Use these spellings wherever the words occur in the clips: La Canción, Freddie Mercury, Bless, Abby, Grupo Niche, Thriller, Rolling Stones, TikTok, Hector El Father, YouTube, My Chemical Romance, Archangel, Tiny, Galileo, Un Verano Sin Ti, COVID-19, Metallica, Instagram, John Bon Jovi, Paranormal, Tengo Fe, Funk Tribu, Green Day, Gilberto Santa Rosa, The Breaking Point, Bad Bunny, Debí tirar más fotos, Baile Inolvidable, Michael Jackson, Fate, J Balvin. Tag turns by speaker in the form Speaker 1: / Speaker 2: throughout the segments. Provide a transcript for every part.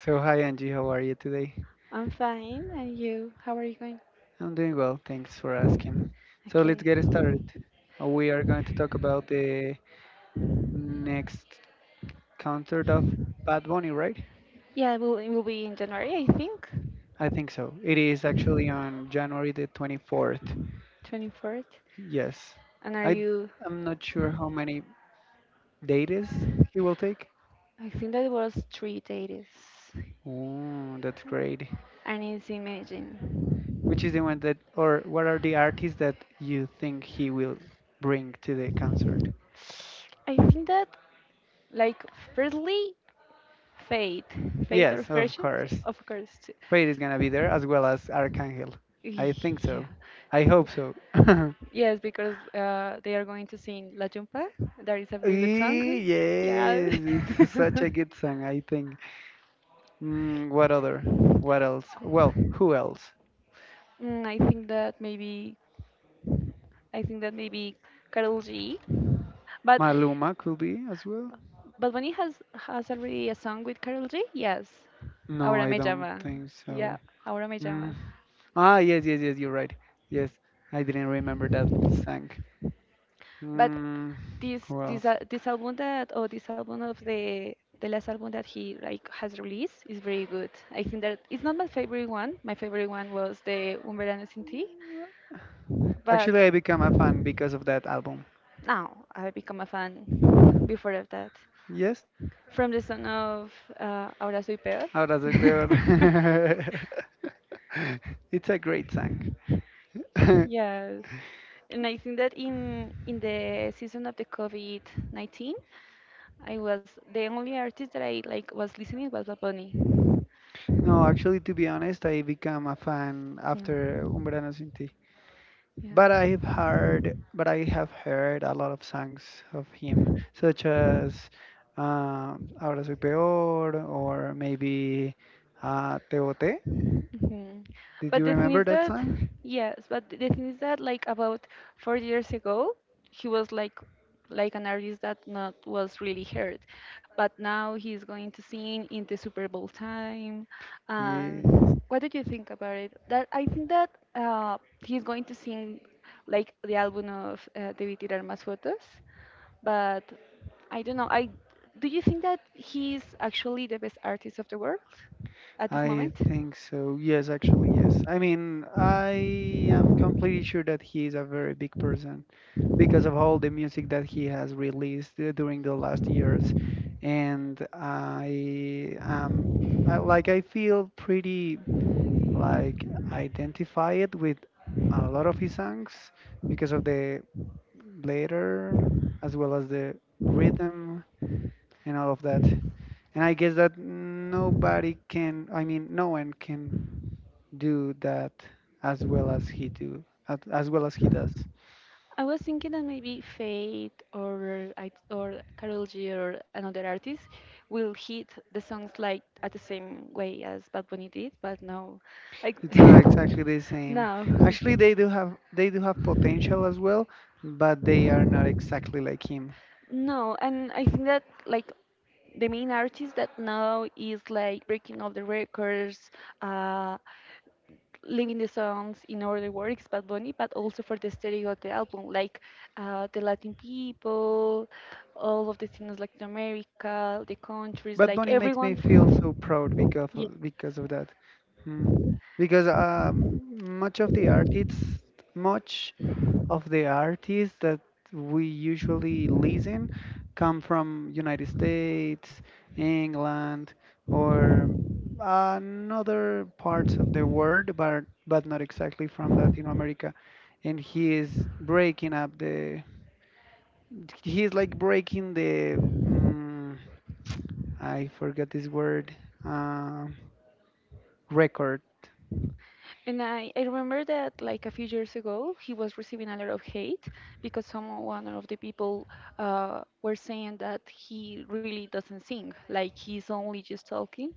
Speaker 1: So, hi Angie, how are you today?
Speaker 2: I'm fine, and you? How are you going?
Speaker 1: I'm doing well, thanks for asking. So, let's
Speaker 2: Okay.
Speaker 1: get started. We are going to talk about the next concert of Bad Bunny, right?
Speaker 2: Yeah, it will be in January, I think,
Speaker 1: I think so. It is actually on January the 24th.
Speaker 2: 24th.
Speaker 1: Yes.
Speaker 2: And are
Speaker 1: I,
Speaker 2: you?
Speaker 1: I'm not sure how many dates he will take.
Speaker 2: I think that was 3 days.
Speaker 1: Oh, that's great.
Speaker 2: And it's imagine.
Speaker 1: Which is the one that, or what are the artists that you think he will bring to the concert?
Speaker 2: I think that, like, firstly, fate, fate or
Speaker 1: Yes, of
Speaker 2: fortune,
Speaker 1: course.
Speaker 2: of course. Too.
Speaker 1: Fate is gonna be there as well as Archangel. I think
Speaker 2: Yeah.
Speaker 1: so. I hope so.
Speaker 2: Yes, because they are going to sing La Jumpa. That is a very good song.
Speaker 1: Eh,
Speaker 2: Yeah.
Speaker 1: yes, it's such a good song. I think. What other? What else? Well, who else?
Speaker 2: Mm, I think that maybe Karol G. But
Speaker 1: Maluma could be as well.
Speaker 2: but when he has already a song with Karol G, yes.
Speaker 1: No,
Speaker 2: Ahora
Speaker 1: I
Speaker 2: me
Speaker 1: don't
Speaker 2: llama.
Speaker 1: think
Speaker 2: Yeah,
Speaker 1: so.
Speaker 2: ahora me
Speaker 1: Mm.
Speaker 2: llama.
Speaker 1: Ah, yes, yes, yes. You're right. Yes, I didn't remember that song.
Speaker 2: But
Speaker 1: Mm, who else?
Speaker 2: this album that or this album of the last album that he like has released is very good. I think that it's not my favorite one. My favorite one was the Un Verano Sin Ti, but
Speaker 1: Actually, I became a fan because of that album.
Speaker 2: now I become a fan before of that.
Speaker 1: Yes.
Speaker 2: From the son of Ahora Soy Peor.
Speaker 1: Ahora soy peor. It's a great song.
Speaker 2: Yes. And I think that in the season of the COVID-19, I was the only artist that I like was listening was Bad Bunny.
Speaker 1: No, actually, to be honest, I became a fan after Un
Speaker 2: Mm.
Speaker 1: Verano Sin Ti.
Speaker 2: Yeah.
Speaker 1: But I've heard,
Speaker 2: Mhm.
Speaker 1: but I have heard a lot of songs of him, such as Ahora Soy Peor or maybe Te Boté. Did
Speaker 2: But
Speaker 1: you
Speaker 2: the thing
Speaker 1: remember
Speaker 2: is
Speaker 1: that
Speaker 2: that,
Speaker 1: song?
Speaker 2: yes, but the thing is that, like, about 4 years ago, he was like an artist that not was really heard, but now he's going to sing in the super bowl time. And
Speaker 1: Yes.
Speaker 2: what did you think about it, that I think that uh, he's going to sing like the album of David Armas Fotos, but I don't know. I Do you think that he's actually the best artist of the world at this
Speaker 1: I
Speaker 2: moment?
Speaker 1: think so. Yes, actually, yes. I mean, I am completely sure that he is a very big person because of all the music that he has released during the last years. And
Speaker 2: ご視聴ありが
Speaker 1: I
Speaker 2: と
Speaker 1: am
Speaker 2: うござ
Speaker 1: I, like, I feel pretty like identified with a lot of
Speaker 2: い
Speaker 1: his songs because of the later as well as the rhythm
Speaker 2: ました
Speaker 1: and all of that. And I guess that nobody can, I mean, no one can do that as well as he do as well as he does.
Speaker 2: I was thinking that maybe Fate or or Karol G or another artist will hit the songs like at the same way as Bad Bunny did, but no, I
Speaker 1: It's not exactly the same.
Speaker 2: no.
Speaker 1: Actually, they do have potential as well, but they are not exactly like him.
Speaker 2: No, and I think that like the main artists that now is like breaking all the records, uh, linking the songs in order works Bad Bunny, but also for the stereo of the album, like the Latin people, all of the things Latin America, the countries,
Speaker 1: But
Speaker 2: like
Speaker 1: Bonnie makes
Speaker 2: everyone.
Speaker 1: me feel so proud because of that. Hmm. Because much of the artists, much that we usually listen come from United States, England, or another parts of the world, but not exactly from Latin America. And he is breaking up the. He is like breaking the. mm I forgot this word. Uh, record,
Speaker 2: And I remember that like a few years ago, he was receiving a lot of hate because some one of the people were saying that he really doesn't sing, like he's only just talking.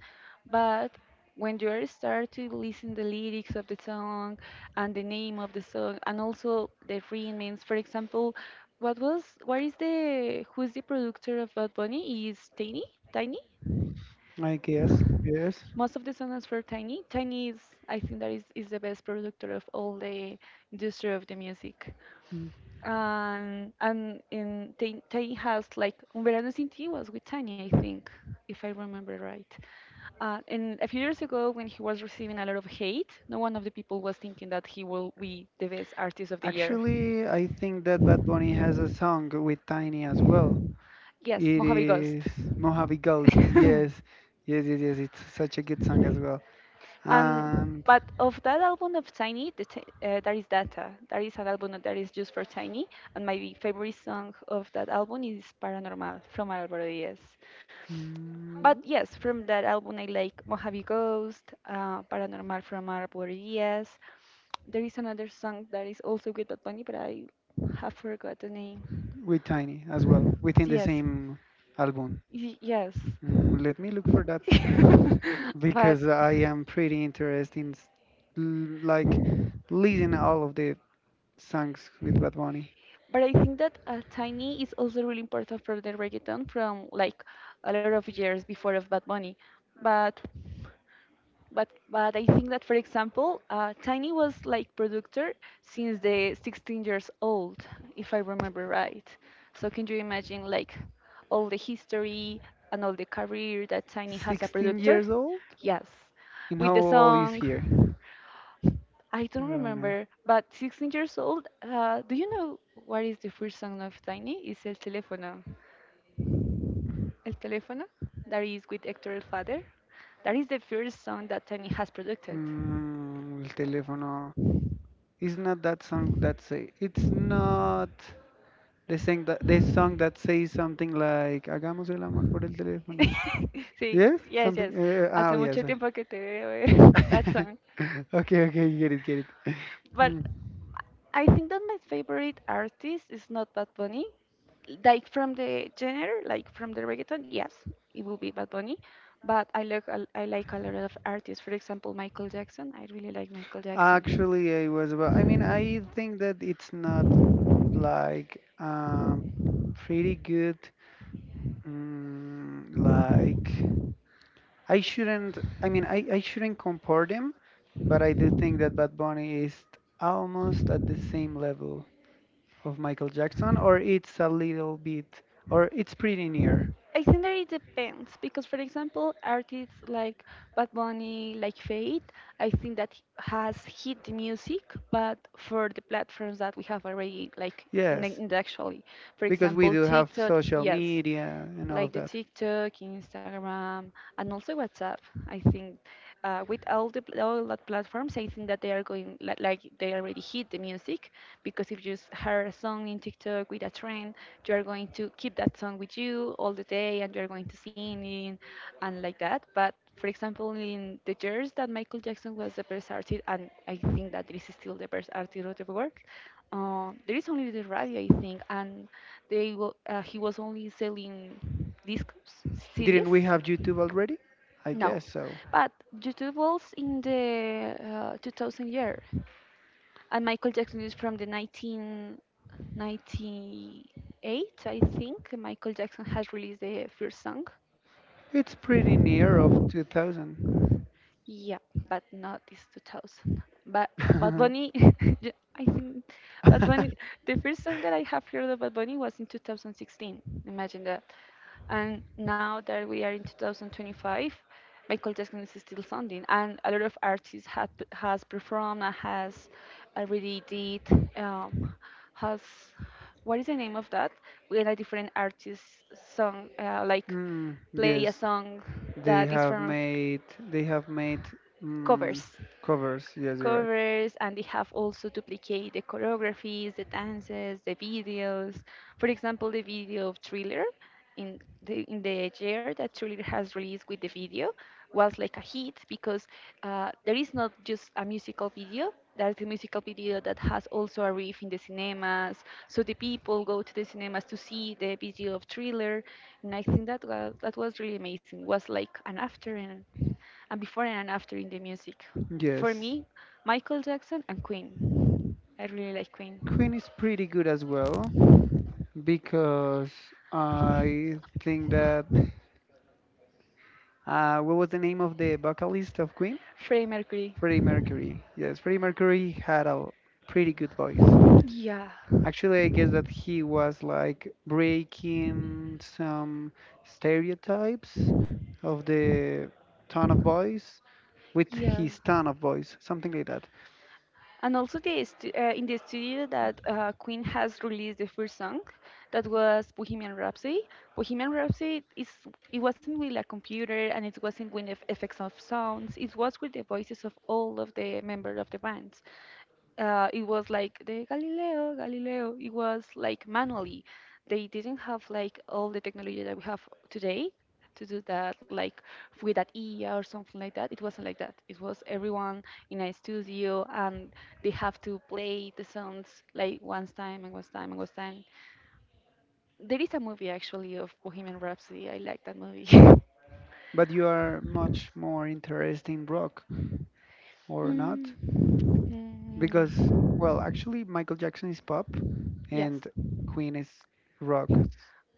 Speaker 2: But when you are start to listen the lyrics of the song and the name of the song and also the rhythms, for example, what was what is the who's the producer of Bad Bunny? Is Tiny? Tiny?
Speaker 1: I guess. Yes.
Speaker 2: Most of the songs for Tiny. Tiny is, I think, that is the best producer of all the industry of the music,
Speaker 1: Mm.
Speaker 2: and in they has like Un Verano Sin Ti was with Tiny, I think, if I remember right. And a few years ago, when he was receiving a lot of hate, no one of the people was thinking that he will be the best artist of the year.
Speaker 1: Actually, I think that Bad Bunny has a song with Tiny as well.
Speaker 2: Yes,
Speaker 1: It
Speaker 2: Mojave
Speaker 1: is
Speaker 2: Ghost.
Speaker 1: Mojave Ghost. Yes, yes, yes, yes. It's such a good song as well,
Speaker 2: And
Speaker 1: and
Speaker 2: but of that album of Tiny, there is Data. There is an album that is just for Tiny, and my favorite song of that album is Paranormal from Álvaro Díaz. But
Speaker 1: mm,
Speaker 2: yes, from that album, I like Mojave Ghost, Paranormal from Arbor Diaz. There is another song that is also with Bad Bunny, but I have forgot the name.
Speaker 1: with Tiny as well, within the
Speaker 2: Yes,
Speaker 1: same album.
Speaker 2: yes.
Speaker 1: Let me look for that
Speaker 2: but
Speaker 1: because I am pretty interested in like listening all of the songs with Bad Bunny.
Speaker 2: but I think that Tiny is also really important for the reggaeton from like a lot of years before of Bad Bunny. But but I think that, for example, Tiny was like producer since the 16 years old, if I remember right. So can you imagine like all the history and all the career that Tiny has a
Speaker 1: 16
Speaker 2: producer?
Speaker 1: years old,
Speaker 2: Yes,
Speaker 1: and
Speaker 2: with
Speaker 1: how
Speaker 2: the
Speaker 1: old is
Speaker 2: song.
Speaker 1: here
Speaker 2: I don't
Speaker 1: right now?
Speaker 2: remember, but 16 years old. Do you know what is the first song of Tiny? It's El Teléfono. El Teléfono, that is with Hector El Father. That is the first song that Tony has produced.
Speaker 1: El teléfono. It's not that song. That's it. It's not. They sang that they song that says something like "Hagamos el amor por el teléfono."
Speaker 2: Sí,
Speaker 1: Yes,
Speaker 2: yes, yes.
Speaker 1: something. Uh,
Speaker 2: Hace
Speaker 1: oh
Speaker 2: mucho
Speaker 1: yes.
Speaker 2: tiempo que te veo eh, that song.
Speaker 1: Okay, okay, get it, get it.
Speaker 2: But
Speaker 1: Mm.
Speaker 2: I think that my favorite artist is not Bad Bunny. Like from the genre, like from the reggaeton, yes, it will be Bad Bunny. But I like a lot of artists. For example, Michael Jackson. I really like Michael Jackson.
Speaker 1: Actually, I was about. I mean, I think that it's not like pretty good. Like I shouldn't. I mean, I shouldn't compare them, but I do think that Bad Bunny is almost at the same level of Michael Jackson, or it's a little bit, or it's pretty near.
Speaker 2: I think that it depends because, for example, artists like Bad Bunny, like Fate, I think that has hit the music, but for the platforms that we have already, like
Speaker 1: Yes,
Speaker 2: in the actually, for in,
Speaker 1: because we
Speaker 2: example,
Speaker 1: do have
Speaker 2: TikTok.
Speaker 1: social
Speaker 2: Yes,
Speaker 1: media and all
Speaker 2: like
Speaker 1: of
Speaker 2: the
Speaker 1: that.
Speaker 2: TikTok, Instagram, and also WhatsApp. I think with all the all the platforms, I think that they are going like they already hit the music, because if you heard a song in TikTok with a trend, you are going to keep that song with you all the day, and you are going to sing it and like that. But for example, in the years that Michael Jackson was the best artist, and I think that this is still the best artist of the world, there is only the radio, I think, and he was only selling discs,
Speaker 1: Didn't we
Speaker 2: CDs.
Speaker 1: have YouTube already? I
Speaker 2: No,
Speaker 1: guess so.
Speaker 2: but YouTube was in the 2000 year, and Michael Jackson is from the 1998, I think. Michael Jackson has released the first song.
Speaker 1: It's pretty near of 2000.
Speaker 2: Yeah, but not this 2000. But Bad Bunny, yeah, I think Bad Bunny, the first song that I have heard of Bad Bunny was in 2016. Imagine that. And now that we are in 2025, Michael Jackson is still sounding, and a lot of artists had has performed and has already did um, has what is the name of that? When a different artist song like
Speaker 1: Mm,
Speaker 2: play a
Speaker 1: yes,
Speaker 2: song that
Speaker 1: they
Speaker 2: is
Speaker 1: have
Speaker 2: from
Speaker 1: made they have made mm,
Speaker 2: covers.
Speaker 1: covers. Yes, you're
Speaker 2: Covers, and they have also duplicate the choreographies, the dances, the videos. For example, the video of Thriller in the year that Thriller has released with the video was like a hit, because there is not just a musical video. There is a musical video that has also a riff in the cinemas, so the people go to the cinemas to see the video of Thriller, and I think that was really amazing. Was like an after and before and after in the music.
Speaker 1: right.
Speaker 2: For
Speaker 1: Yes,
Speaker 2: me, Michael Jackson and Queen. I really like Queen.
Speaker 1: Queen is pretty good as well because I think that. What was the name of the vocalist of Queen?
Speaker 2: Freddie Mercury.
Speaker 1: Freddie Mercury. Yes, Freddie Mercury had a pretty good voice.
Speaker 2: Yeah.
Speaker 1: Actually, I guess that he was like breaking some stereotypes of the tone of voice with
Speaker 2: Yeah.
Speaker 1: his tone of voice, something like that.
Speaker 2: And also in the studio that Queen has released the first song, that was Bohemian Rhapsody. Bohemian Rhapsody is it wasn't with a computer, and it wasn't with effects of sounds. It was with the voices of all of the members of the bands. It was like the Galileo, Galileo. It was like manually. They didn't have like all the technology that we have today to do that like with that E A or something like that. It wasn't like that. It was everyone in a studio, and they have to play the songs like one time and one time and one time. There is a movie actually of Bohemian Rhapsody. I like that movie.
Speaker 1: But you are much more interested in rock or not?
Speaker 2: Mm.
Speaker 1: Because, well,
Speaker 2: Mm.
Speaker 1: actually, Michael Jackson is pop
Speaker 2: Yes.
Speaker 1: and Queen is rock.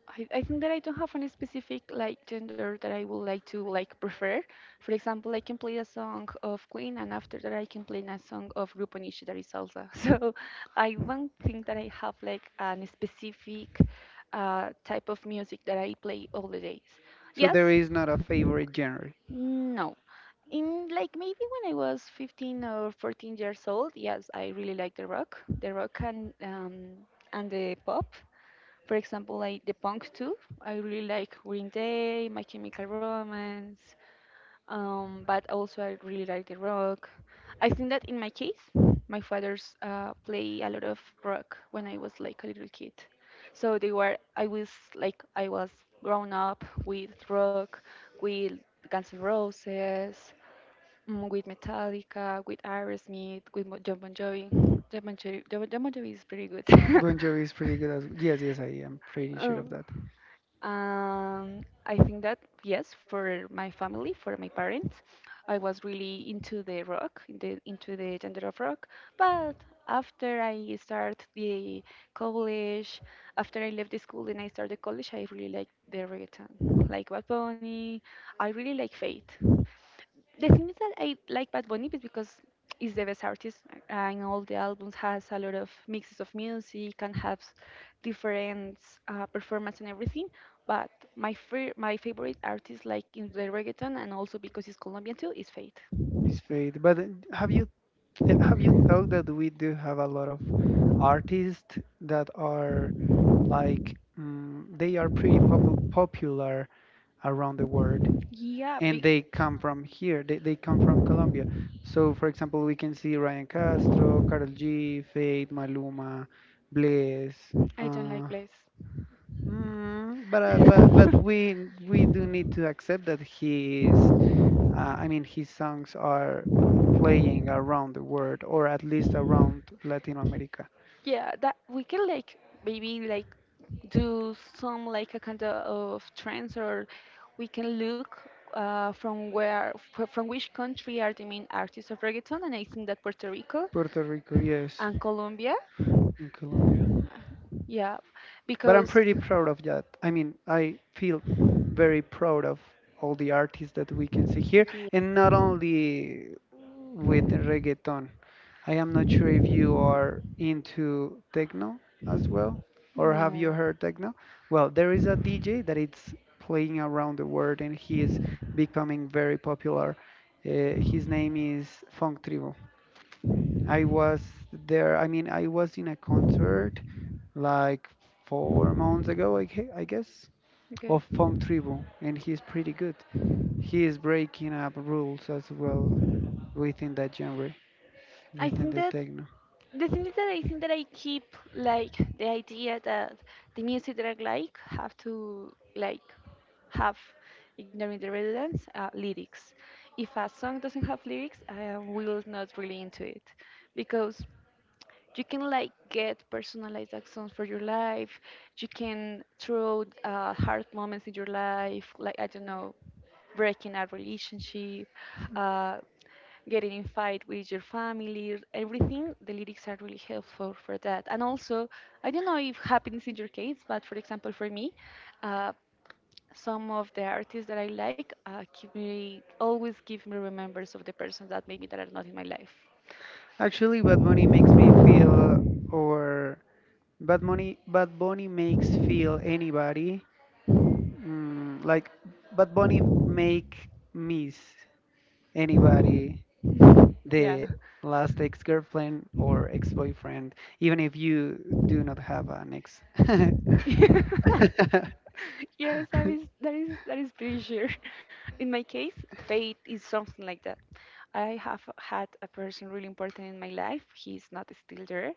Speaker 2: I think that I don't have any specific like gender that I would like to like prefer. For example, I can play a song of Queen, and after that, I can play a song of Grupo Niche that is salsa. So I don't think that I have like an specific type of music that I play all the days.
Speaker 1: So
Speaker 2: Yes,
Speaker 1: there is not a favorite genre.
Speaker 2: no. In like maybe when I was 15 or 14 years old, yes, I really liked the rock, and the pop. For example, like the punk too. I really like Green Day, My Chemical Romance, but also I really like the rock. I think that in my case, my father's play a lot of rock when I was like a little kid. I was grown up with rock, with Guns N' Roses, mm, with Metallica, with Aerosmith, with John Bon Jovi. John Bon Jovi is pretty good.
Speaker 1: Bon Jovi is pretty good as yes, yes, I am pretty sure
Speaker 2: Uh,
Speaker 1: of that.
Speaker 2: I think that yes, for my family, for my parents, I was really into the rock, into the gender of rock. But after I start the college, after I left the school and I started college, I really like the reggaeton, like Bad Bunny. I really like Fate. The thing is that I like Bad Bunny is because he's the best artist, and all the albums has a lot of mixes of music and has different performance and everything. But my favorite artist, like in the reggaeton, and also because he's Colombian too, is Faith.
Speaker 1: It's great. But have you th have you thought that we do have a lot of artists that are like they are pretty popular around the world,
Speaker 2: Yeah,
Speaker 1: and they come from here. They come from Colombia. So, for example, we can see Ryan Castro, Karol G, Fate, Maluma, Bless.
Speaker 2: I don't
Speaker 1: Uh,
Speaker 2: like Blaze.
Speaker 1: mm, but, uh, but but we we do need to accept that he is I mean, his songs are playing around the world, or at least around Latin America.
Speaker 2: Yeah, that we can like maybe like do some like a kind of trends, or we can look from where from which country are the main artists of reggaeton. And I think that Puerto Rico
Speaker 1: Puerto Rico, yes,
Speaker 2: and Colombia.
Speaker 1: in Colombia.
Speaker 2: Yeah,
Speaker 1: But I'm
Speaker 2: because
Speaker 1: pretty proud of that. I mean, I feel very proud of all the artists that we can see here,
Speaker 2: yeah,
Speaker 1: and not only with the reggaeton. I am not sure if you are into techno as well, or have
Speaker 2: no.
Speaker 1: you heard techno? Well, there is a DJ that it's playing around the world, and he is becoming very popular. His name is Funk Tribu. I was there. I mean, I was in a concert like 4 months ago, I guess,
Speaker 2: Okay.
Speaker 1: of Funk Tribu, and he's pretty good. He is breaking up rules as well within that genre,
Speaker 2: I
Speaker 1: within
Speaker 2: think
Speaker 1: the
Speaker 2: that
Speaker 1: techno.
Speaker 2: the thing is that I think that I keep like the idea that the music that I like have to like have, ignoring the relevance lyrics. If a song doesn't have lyrics, I will not really into it, because you can like get personalized actions for your life. You can throw hard moments in your life, like I don't know, breaking a relationship, uh, getting in fight with your family. Everything, the lyrics are really helpful for that. And also, I don't know if happens in your case, but for example for me, uh, some of the artists that I like give me, always give me remembers of the person that maybe that are not in my life.
Speaker 1: Actually, Bad Bunny makes me feel, or Bad Bunny makes feel anybody, like Bad Bunny make miss anybody
Speaker 2: Yeah.
Speaker 1: the last ex-girlfriend or ex-boyfriend, even if you do not have an ex.
Speaker 2: Yes, that is, that is pretty sure. In my case, fate is something like that. I have had a person really important in my life. He's not still there,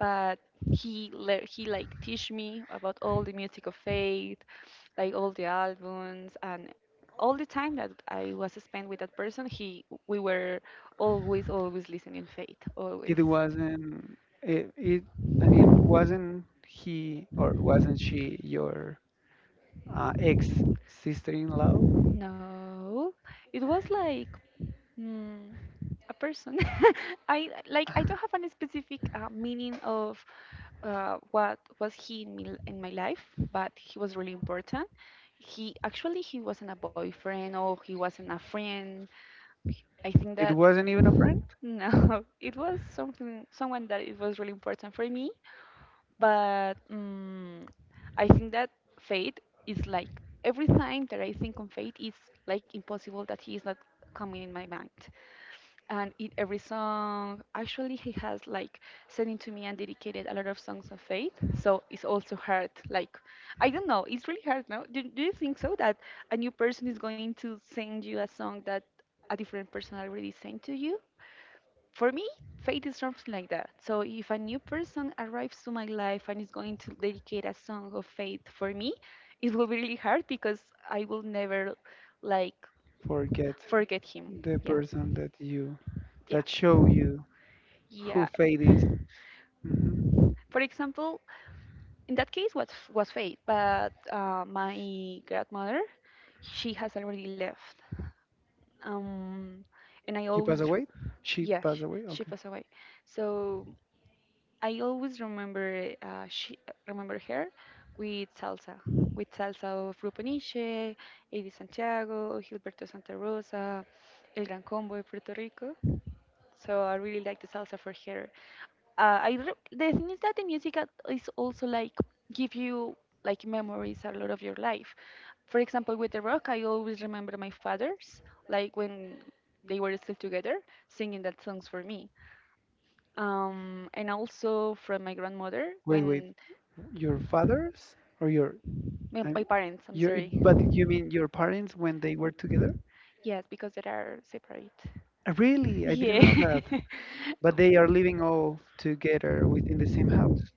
Speaker 2: but he like teach me about all the music of faith, like all the albums. And all the time that I was spent with that person, he we were always, always listening faith, always.
Speaker 1: it wasn't it, it I mean wasn't he or wasn't she your ex sister-in-law?
Speaker 2: No, it was like. Mm, a person. I like I don't have any specific meaning of what was he in me, in my life, but he was really important. He actually he wasn't a boyfriend or he wasn't a friend. I think
Speaker 1: It
Speaker 2: that
Speaker 1: wasn't even a friend.
Speaker 2: no, it was something, someone that it was really important for me. But I think that fate is like, every time that I think on fate, it's like impossible that he is not coming in my mind. And in every song actually, he has like sent to me and dedicated a lot of songs of faith. So it's also hard, like I don't know, it's really hard. No, do you think so that a new person is going to send you a song that a different person already sent to you? For me, faith is something like that. So if a new person arrives to my life and is going to dedicate a song of faith for me, it will be really hard, because I will never like
Speaker 1: Forget
Speaker 2: forget him.
Speaker 1: the
Speaker 2: Yeah.
Speaker 1: person that you
Speaker 2: Yeah.
Speaker 1: that show you who
Speaker 2: Yeah.
Speaker 1: Fate is. hmm
Speaker 2: For example, in that case was fate. But my grandmother, she has already left. Um, and I
Speaker 1: he passed
Speaker 2: always,
Speaker 1: away. She
Speaker 2: yeah,
Speaker 1: passed away,
Speaker 2: she
Speaker 1: okay.
Speaker 2: passed away. So I always remember she, remember her with salsa of Rupaniche, Eddie Santiago, Gilberto Santa Rosa, El Gran Combo de Puerto Rico. So I really like the salsa for her. The thing is that the music is also like give you like memories, a lot of your life. For example, with the rock, I always remember my fathers, like when they were still together, singing that songs for me. Um, and also from my grandmother
Speaker 1: Wait, wait,
Speaker 2: when,
Speaker 1: your father's or your I'm,
Speaker 2: my parents. I'm
Speaker 1: your
Speaker 2: sorry.
Speaker 1: but you mean your parents when they were together?
Speaker 2: Yes, because they are separate.
Speaker 1: Really, I didn't
Speaker 2: Yeah.
Speaker 1: know that. But they are living all together within the same house,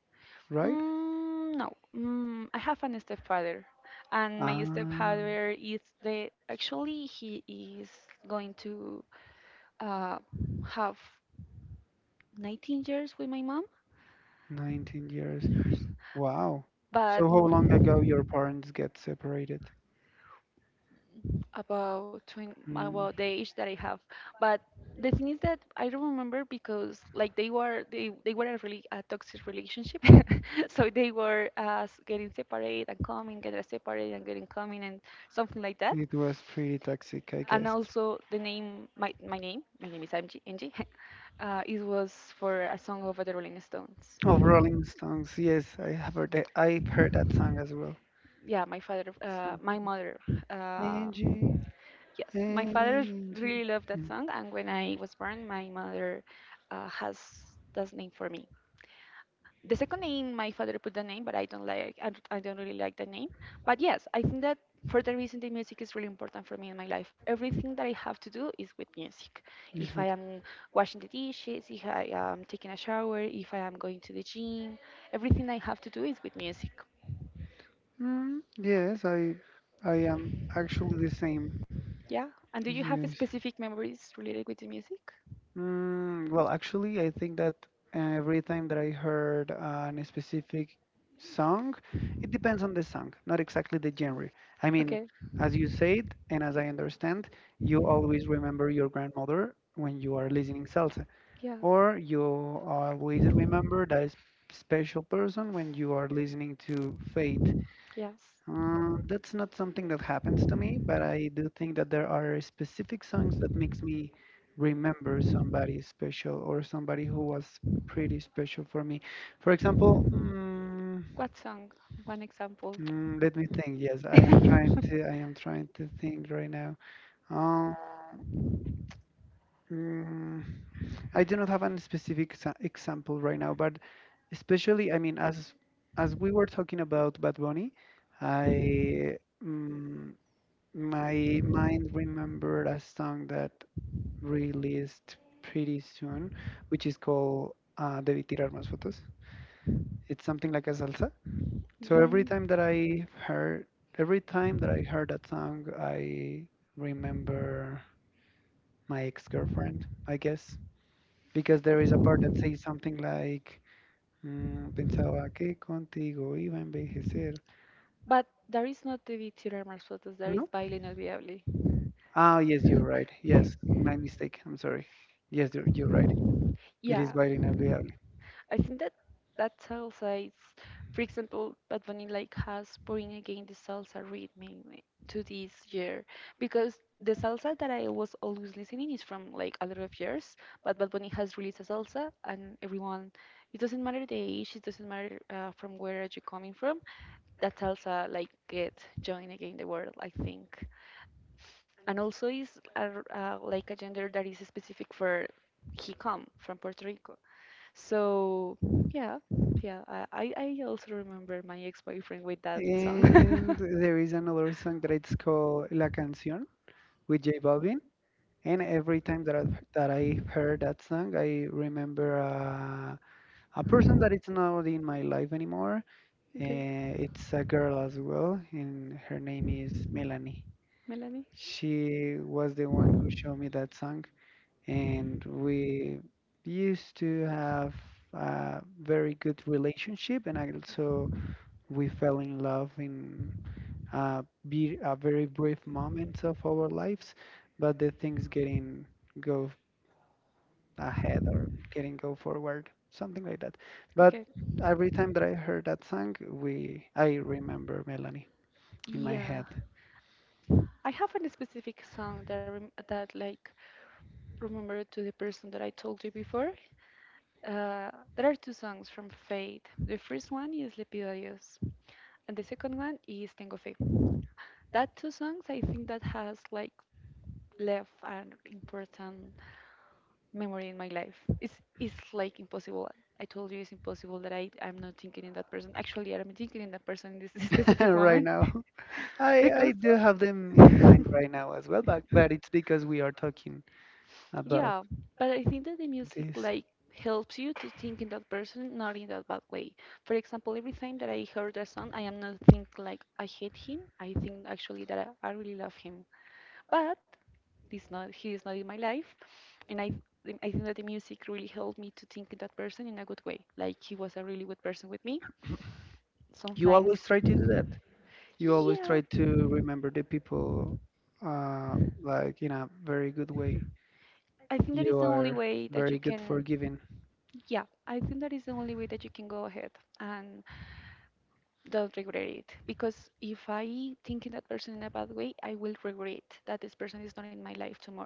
Speaker 1: right?
Speaker 2: Mm, no, mm, I have an stepfather, and my
Speaker 1: Ah,
Speaker 2: stepfather is the, actually he is going to uh, have 19 years with my mom,
Speaker 1: 19 years. Wow.
Speaker 2: but
Speaker 1: So how long ago your
Speaker 2: m-
Speaker 1: parents get separated?
Speaker 2: about 20,
Speaker 1: Mm,
Speaker 2: about the age that I have. But the thing is that I don't remember, because like they were, they were a really a toxic relationship, so they were getting separate and coming, getting separate and getting coming and something like that.
Speaker 1: it was pretty toxic, I
Speaker 2: And
Speaker 1: guess.
Speaker 2: also the name, my name is MG, MG. It was for a song of the Rolling Stones.
Speaker 1: Of Rolling Stones, yes, I have heard that, I've heard that song as well.
Speaker 2: Yeah,
Speaker 1: So,
Speaker 2: my mother, uh,
Speaker 1: Angie,
Speaker 2: yes, my father really
Speaker 1: Angie.
Speaker 2: loved that
Speaker 1: Mm,
Speaker 2: song, and when I was born, my mother has that name for me. The second name, my father put the name, but I don't like. I don't really like the name. But yes, I think that for that reason, the music is really important for me in my life. Everything that I have to do is with music.
Speaker 1: this
Speaker 2: If I
Speaker 1: with-
Speaker 2: am washing the dishes, if I am taking a shower, if I am going to the gym, everything I have to do is with music.
Speaker 1: yes, I am actually the same.
Speaker 2: Yeah. And do you have
Speaker 1: Yes.
Speaker 2: specific memories related with the music?
Speaker 1: Well, actually, I think that every time that I heard a specific song, it depends on the song, not exactly the genre. I mean,
Speaker 2: Okay.
Speaker 1: as you said, and as I understand, you always remember your grandmother when you are listening salsa,
Speaker 2: Yeah.
Speaker 1: or you always remember that special person when you are listening to Fate.
Speaker 2: Yes.
Speaker 1: That's not something that happens to me, but I do think that there are specific songs that makes me remember somebody special or somebody who was pretty special for me. For example,
Speaker 2: What song? One example.
Speaker 1: let me think. Yes, I am trying to. I am trying to think right now. Um, mm, I do not have a specific example right now, but especially, I mean, as we were talking about Bad Bunny. I. mm My mind remembered a song that released pretty soon, which is called Debí tirar más fotos. It's something like a salsa. So
Speaker 2: Being,
Speaker 1: every time that I heard that song, I remember my ex-girlfriend, I guess, because there is a part that says something like, pensaba que contigo iba a envejecer.
Speaker 2: but there is not the Tiramar's photos, there is
Speaker 1: No?
Speaker 2: Baile Inolvidable.
Speaker 1: Ah, yes, you're right. Yes, my mistake. I'm sorry. Yes, you're right. It is
Speaker 2: Yeah,
Speaker 1: bilingual.
Speaker 2: I think that that tells us, for example, Bad Bunny like has bring again the salsa rhythm in- to this year, because the salsa that I was always listening is from like a lot of years, but Bad Bunny has released a salsa and everyone, it doesn't matter the age, it doesn't matter from where are you coming from, that's also like get join again the world, I think. And also is a r like a gender that is specific for, he come from Puerto Rico, so yeah. Yeah, I also remember my ex-boyfriend with that song.
Speaker 1: And there is another song that it's called La Canción with J Balvin. And every time that I heard that song, I remember a person that is not in my life anymore.
Speaker 2: Okay.
Speaker 1: It's a girl as well, and her name is Melanie.
Speaker 2: Melanie.
Speaker 1: She was the one who showed me that song, and we used to have a very good relationship, and also we fell in love in a, a very brief moments of our lives, but the things go getting go forward, something like that. But
Speaker 2: Okay.
Speaker 1: every time that I heard that song, we I remember Melanie in my
Speaker 2: Yeah,
Speaker 1: head.
Speaker 2: I have a specific song that that like remember to the person that I told you before. Uh, there are two songs from Fate. The first one is Lepido a Dios, and the second one is Tengo Fe. That two songs, I think, that has like left an important memory in my life. It's like impossible. I told you it's impossible that I'm not thinking in that person. Actually, I'm thinking in that person in this specific
Speaker 1: right
Speaker 2: moment
Speaker 1: now i i
Speaker 2: because.
Speaker 1: do have them in mind right now as well, but it's because we are talking about
Speaker 2: Yeah, but I think that the music
Speaker 1: this.
Speaker 2: like helps you to think in that person, not in that bad way. For example, every time that I heard a song, I am not think like I hate him. I think actually that I really love him. But this not, he is not in my life, and I think that the music really helped me to think in that person in a good way. Like he was a really good person with me.
Speaker 1: You
Speaker 2: Sometimes,
Speaker 1: always try to do that. You always
Speaker 2: yeah.
Speaker 1: try to remember the people, uh, like in a very good way.
Speaker 2: I think that is the
Speaker 1: You
Speaker 2: only
Speaker 1: are
Speaker 2: way that you
Speaker 1: very good for
Speaker 2: can,
Speaker 1: giving
Speaker 2: yeah, I think that is the only way that you can go ahead and don't regret it. Because if I think in that person in a bad way, I will regret that this person is not in my life tomorrow.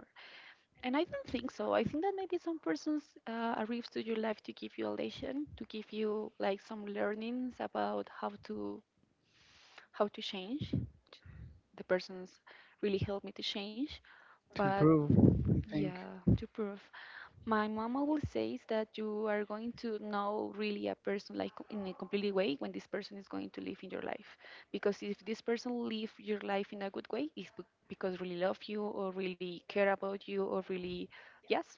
Speaker 2: And I don't think so. I think that maybe some persons arrives to your life to give you a lesson, to give you like some learnings about how to, how to change. The persons really helped me to change,
Speaker 1: to
Speaker 2: but
Speaker 1: improve. I think
Speaker 2: yeah, to prove. My mama will says that you are going to know really a person like in a completely way when this person is going to live in your life. Because if this person live your life in a good way, it's because really love you or really care about you or really, yes,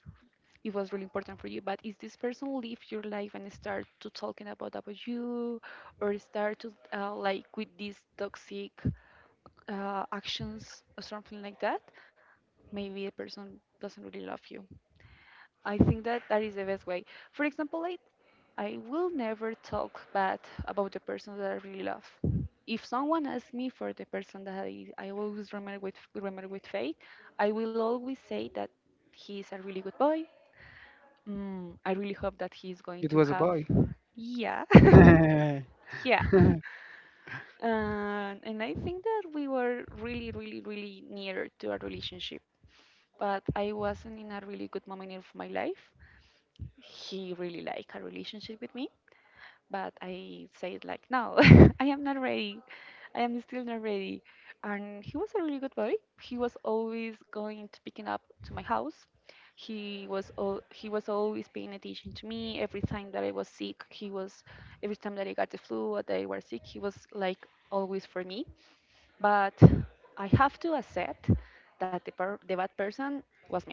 Speaker 2: it was really important for you. But if this person live your life and start to talking about, you or start to like with these toxic actions or something like that, maybe the person doesn't really love you. I think that that is the best way. For example, I will never talk bad about the person that I really love. If someone asks me for the person that I always remember with, faith, I will always say that he is a really good boy. Mm, I really hope that he is going
Speaker 1: it
Speaker 2: to
Speaker 1: was a
Speaker 2: have,
Speaker 1: boy.
Speaker 2: yeah. Yeah. And I think that we were really, really, really near to a relationship. But I wasn't in a really good moment of my life. He really like a relationship with me, but I said like no. I am not ready, I am still not ready. And he was a really good boy. He was always going to picking up to my house. He was always paying attention to me. Every time that I was sick, he was, every time that I got the flu or that I was sick, he was like always for me. But I have to accept that the, the bad person was me.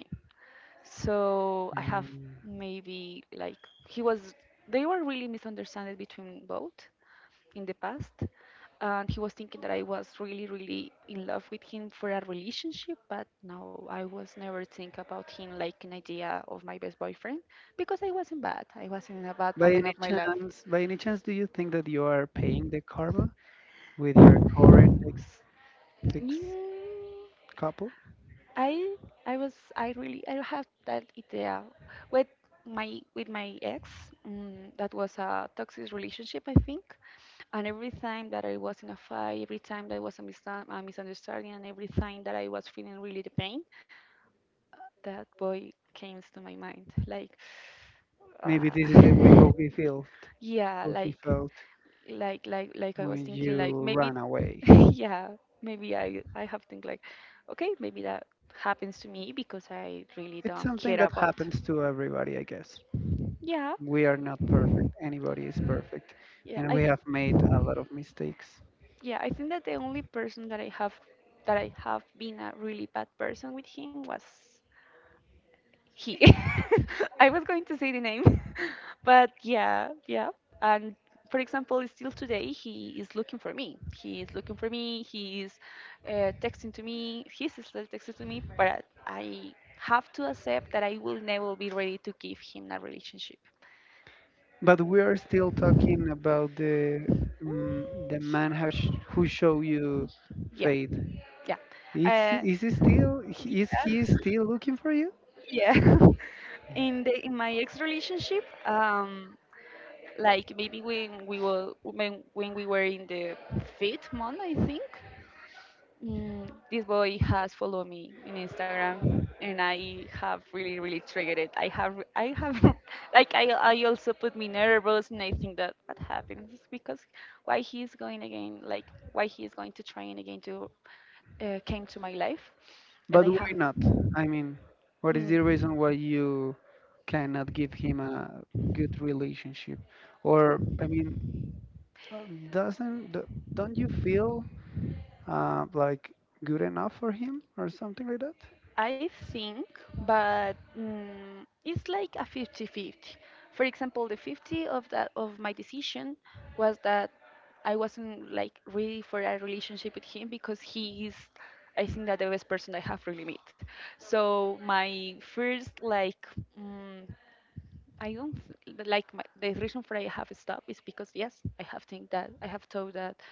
Speaker 2: So I have,
Speaker 1: Mm.
Speaker 2: maybe like, he was, they were really misunderstood between both in the past. And he was thinking that I was really really in love with him for a relationship, but no, I was never think about him like an idea of my best boyfriend. Because I wasn't in a bad moment of my life.
Speaker 1: By any chance, do you think that you are paying the karma with your current ex
Speaker 2: Mm,
Speaker 1: couple?
Speaker 2: I I was I really, I have that idea with, my with my ex. That was a toxic relationship, I think. And every time that I was in a fight, every time that was a, a misunderstanding, and every time that I was feeling really the pain, that boy came to my mind. Like,
Speaker 1: Maybe this is the way
Speaker 2: uh,
Speaker 1: how he felt,
Speaker 2: yeah,
Speaker 1: how he
Speaker 2: like,
Speaker 1: felt
Speaker 2: like I was
Speaker 1: when
Speaker 2: thinking, like
Speaker 1: you
Speaker 2: maybe,
Speaker 1: ran away.
Speaker 2: yeah, maybe I have think like, okay, maybe that happens to me because I really
Speaker 1: It's
Speaker 2: don't
Speaker 1: something
Speaker 2: care
Speaker 1: that
Speaker 2: about.
Speaker 1: happens to everybody, I guess.
Speaker 2: Yeah,
Speaker 1: We are not perfect. Anybody is perfect.
Speaker 2: yeah,
Speaker 1: And we have made a lot of mistakes.
Speaker 2: yeah, I think that the only person that that I have been a really bad person with him was He. I was going to say the name, but yeah, yeah. And for example, still today, he is looking for me. He is looking for me. He is texting to me. He's still texting to me, but I have to accept that I will never be ready to give him a relationship.
Speaker 1: But we are still talking about the
Speaker 2: Mm,
Speaker 1: mm, the man who show you
Speaker 2: yeah,
Speaker 1: Faith.
Speaker 2: yeah.
Speaker 1: Is
Speaker 2: Uh,
Speaker 1: is he still looking for you?
Speaker 2: yeah. In the, in my ex relationship, like maybe when we were, when we were in the fifth month, I think, mm, this boy has followed me in Instagram, and I have really really triggered it. I have like I also put me nervous. And I think that what happened is because why he's going again, like why he's going to train again to came to my life. And
Speaker 1: But
Speaker 2: I have,
Speaker 1: why not? I mean, what is the
Speaker 2: mm.
Speaker 1: reason why you cannot give him a good relationship? Or I mean, doesn't d- don't you feel like good enough for him or something like that.
Speaker 2: I think, but mm, it's like a 50-50. For example, the 50 of that of my decision was that I wasn't like ready for a relationship with him, because he is, I think that the best person I have really met. So my first like, mm, I don't, like the reason for I have stopped is because yes, I have think that I have thought that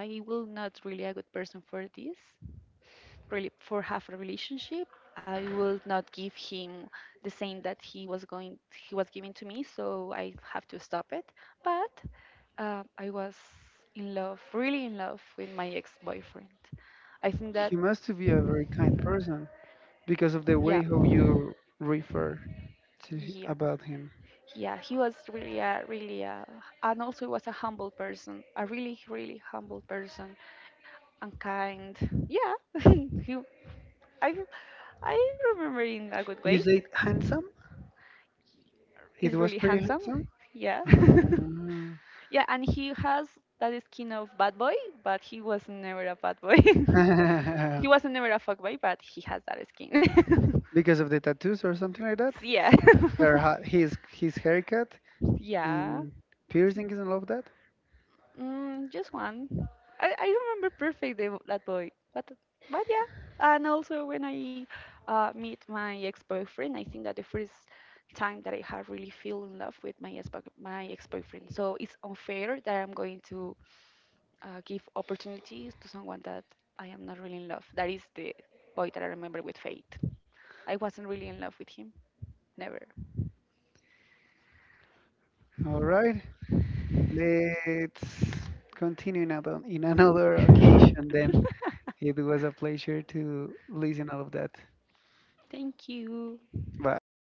Speaker 2: I will not really a good person for this, really for half a relationship. I will not give him the same that he was giving to me, so I have to stop it. But I was in love, really in love with my ex-boyfriend. I think
Speaker 1: He
Speaker 2: that
Speaker 1: must to be a very kind person because of the way
Speaker 2: yeah,
Speaker 1: how you refer to h-
Speaker 2: yeah,
Speaker 1: about him.
Speaker 2: yeah, he was really a, really a, and also was a humble person, a really really humble person and kind. Yeah. He, i I, remember in a good way.
Speaker 1: You said handsome. It
Speaker 2: He's
Speaker 1: was
Speaker 2: really
Speaker 1: pretty handsome.
Speaker 2: handsome. Yeah. Yeah, and he has that skin of bad boy, but he was never a bad boy.
Speaker 1: Ah.
Speaker 2: He wasn't never a fuck boy, but he has that skin.
Speaker 1: Because of the tattoos or something like that.
Speaker 2: Yeah.
Speaker 1: Her, ha- his haircut
Speaker 2: Yeah.
Speaker 1: and piercings and all of that.
Speaker 2: Mm, just one. I remember perfect the, that boy, but yeah. And also when I meet my ex-boyfriend, I think that the first time that I have really feel in love with my ex, my ex-boyfriend. So it's unfair that I'm going to give opportunities to someone that I am not really in love. That is the boy that I remember with Fate. I wasn't really in love with him. Never.
Speaker 1: All right, let's continue in another occasion. Then it was a pleasure to listen all of that.
Speaker 2: Thank you.
Speaker 1: Bye.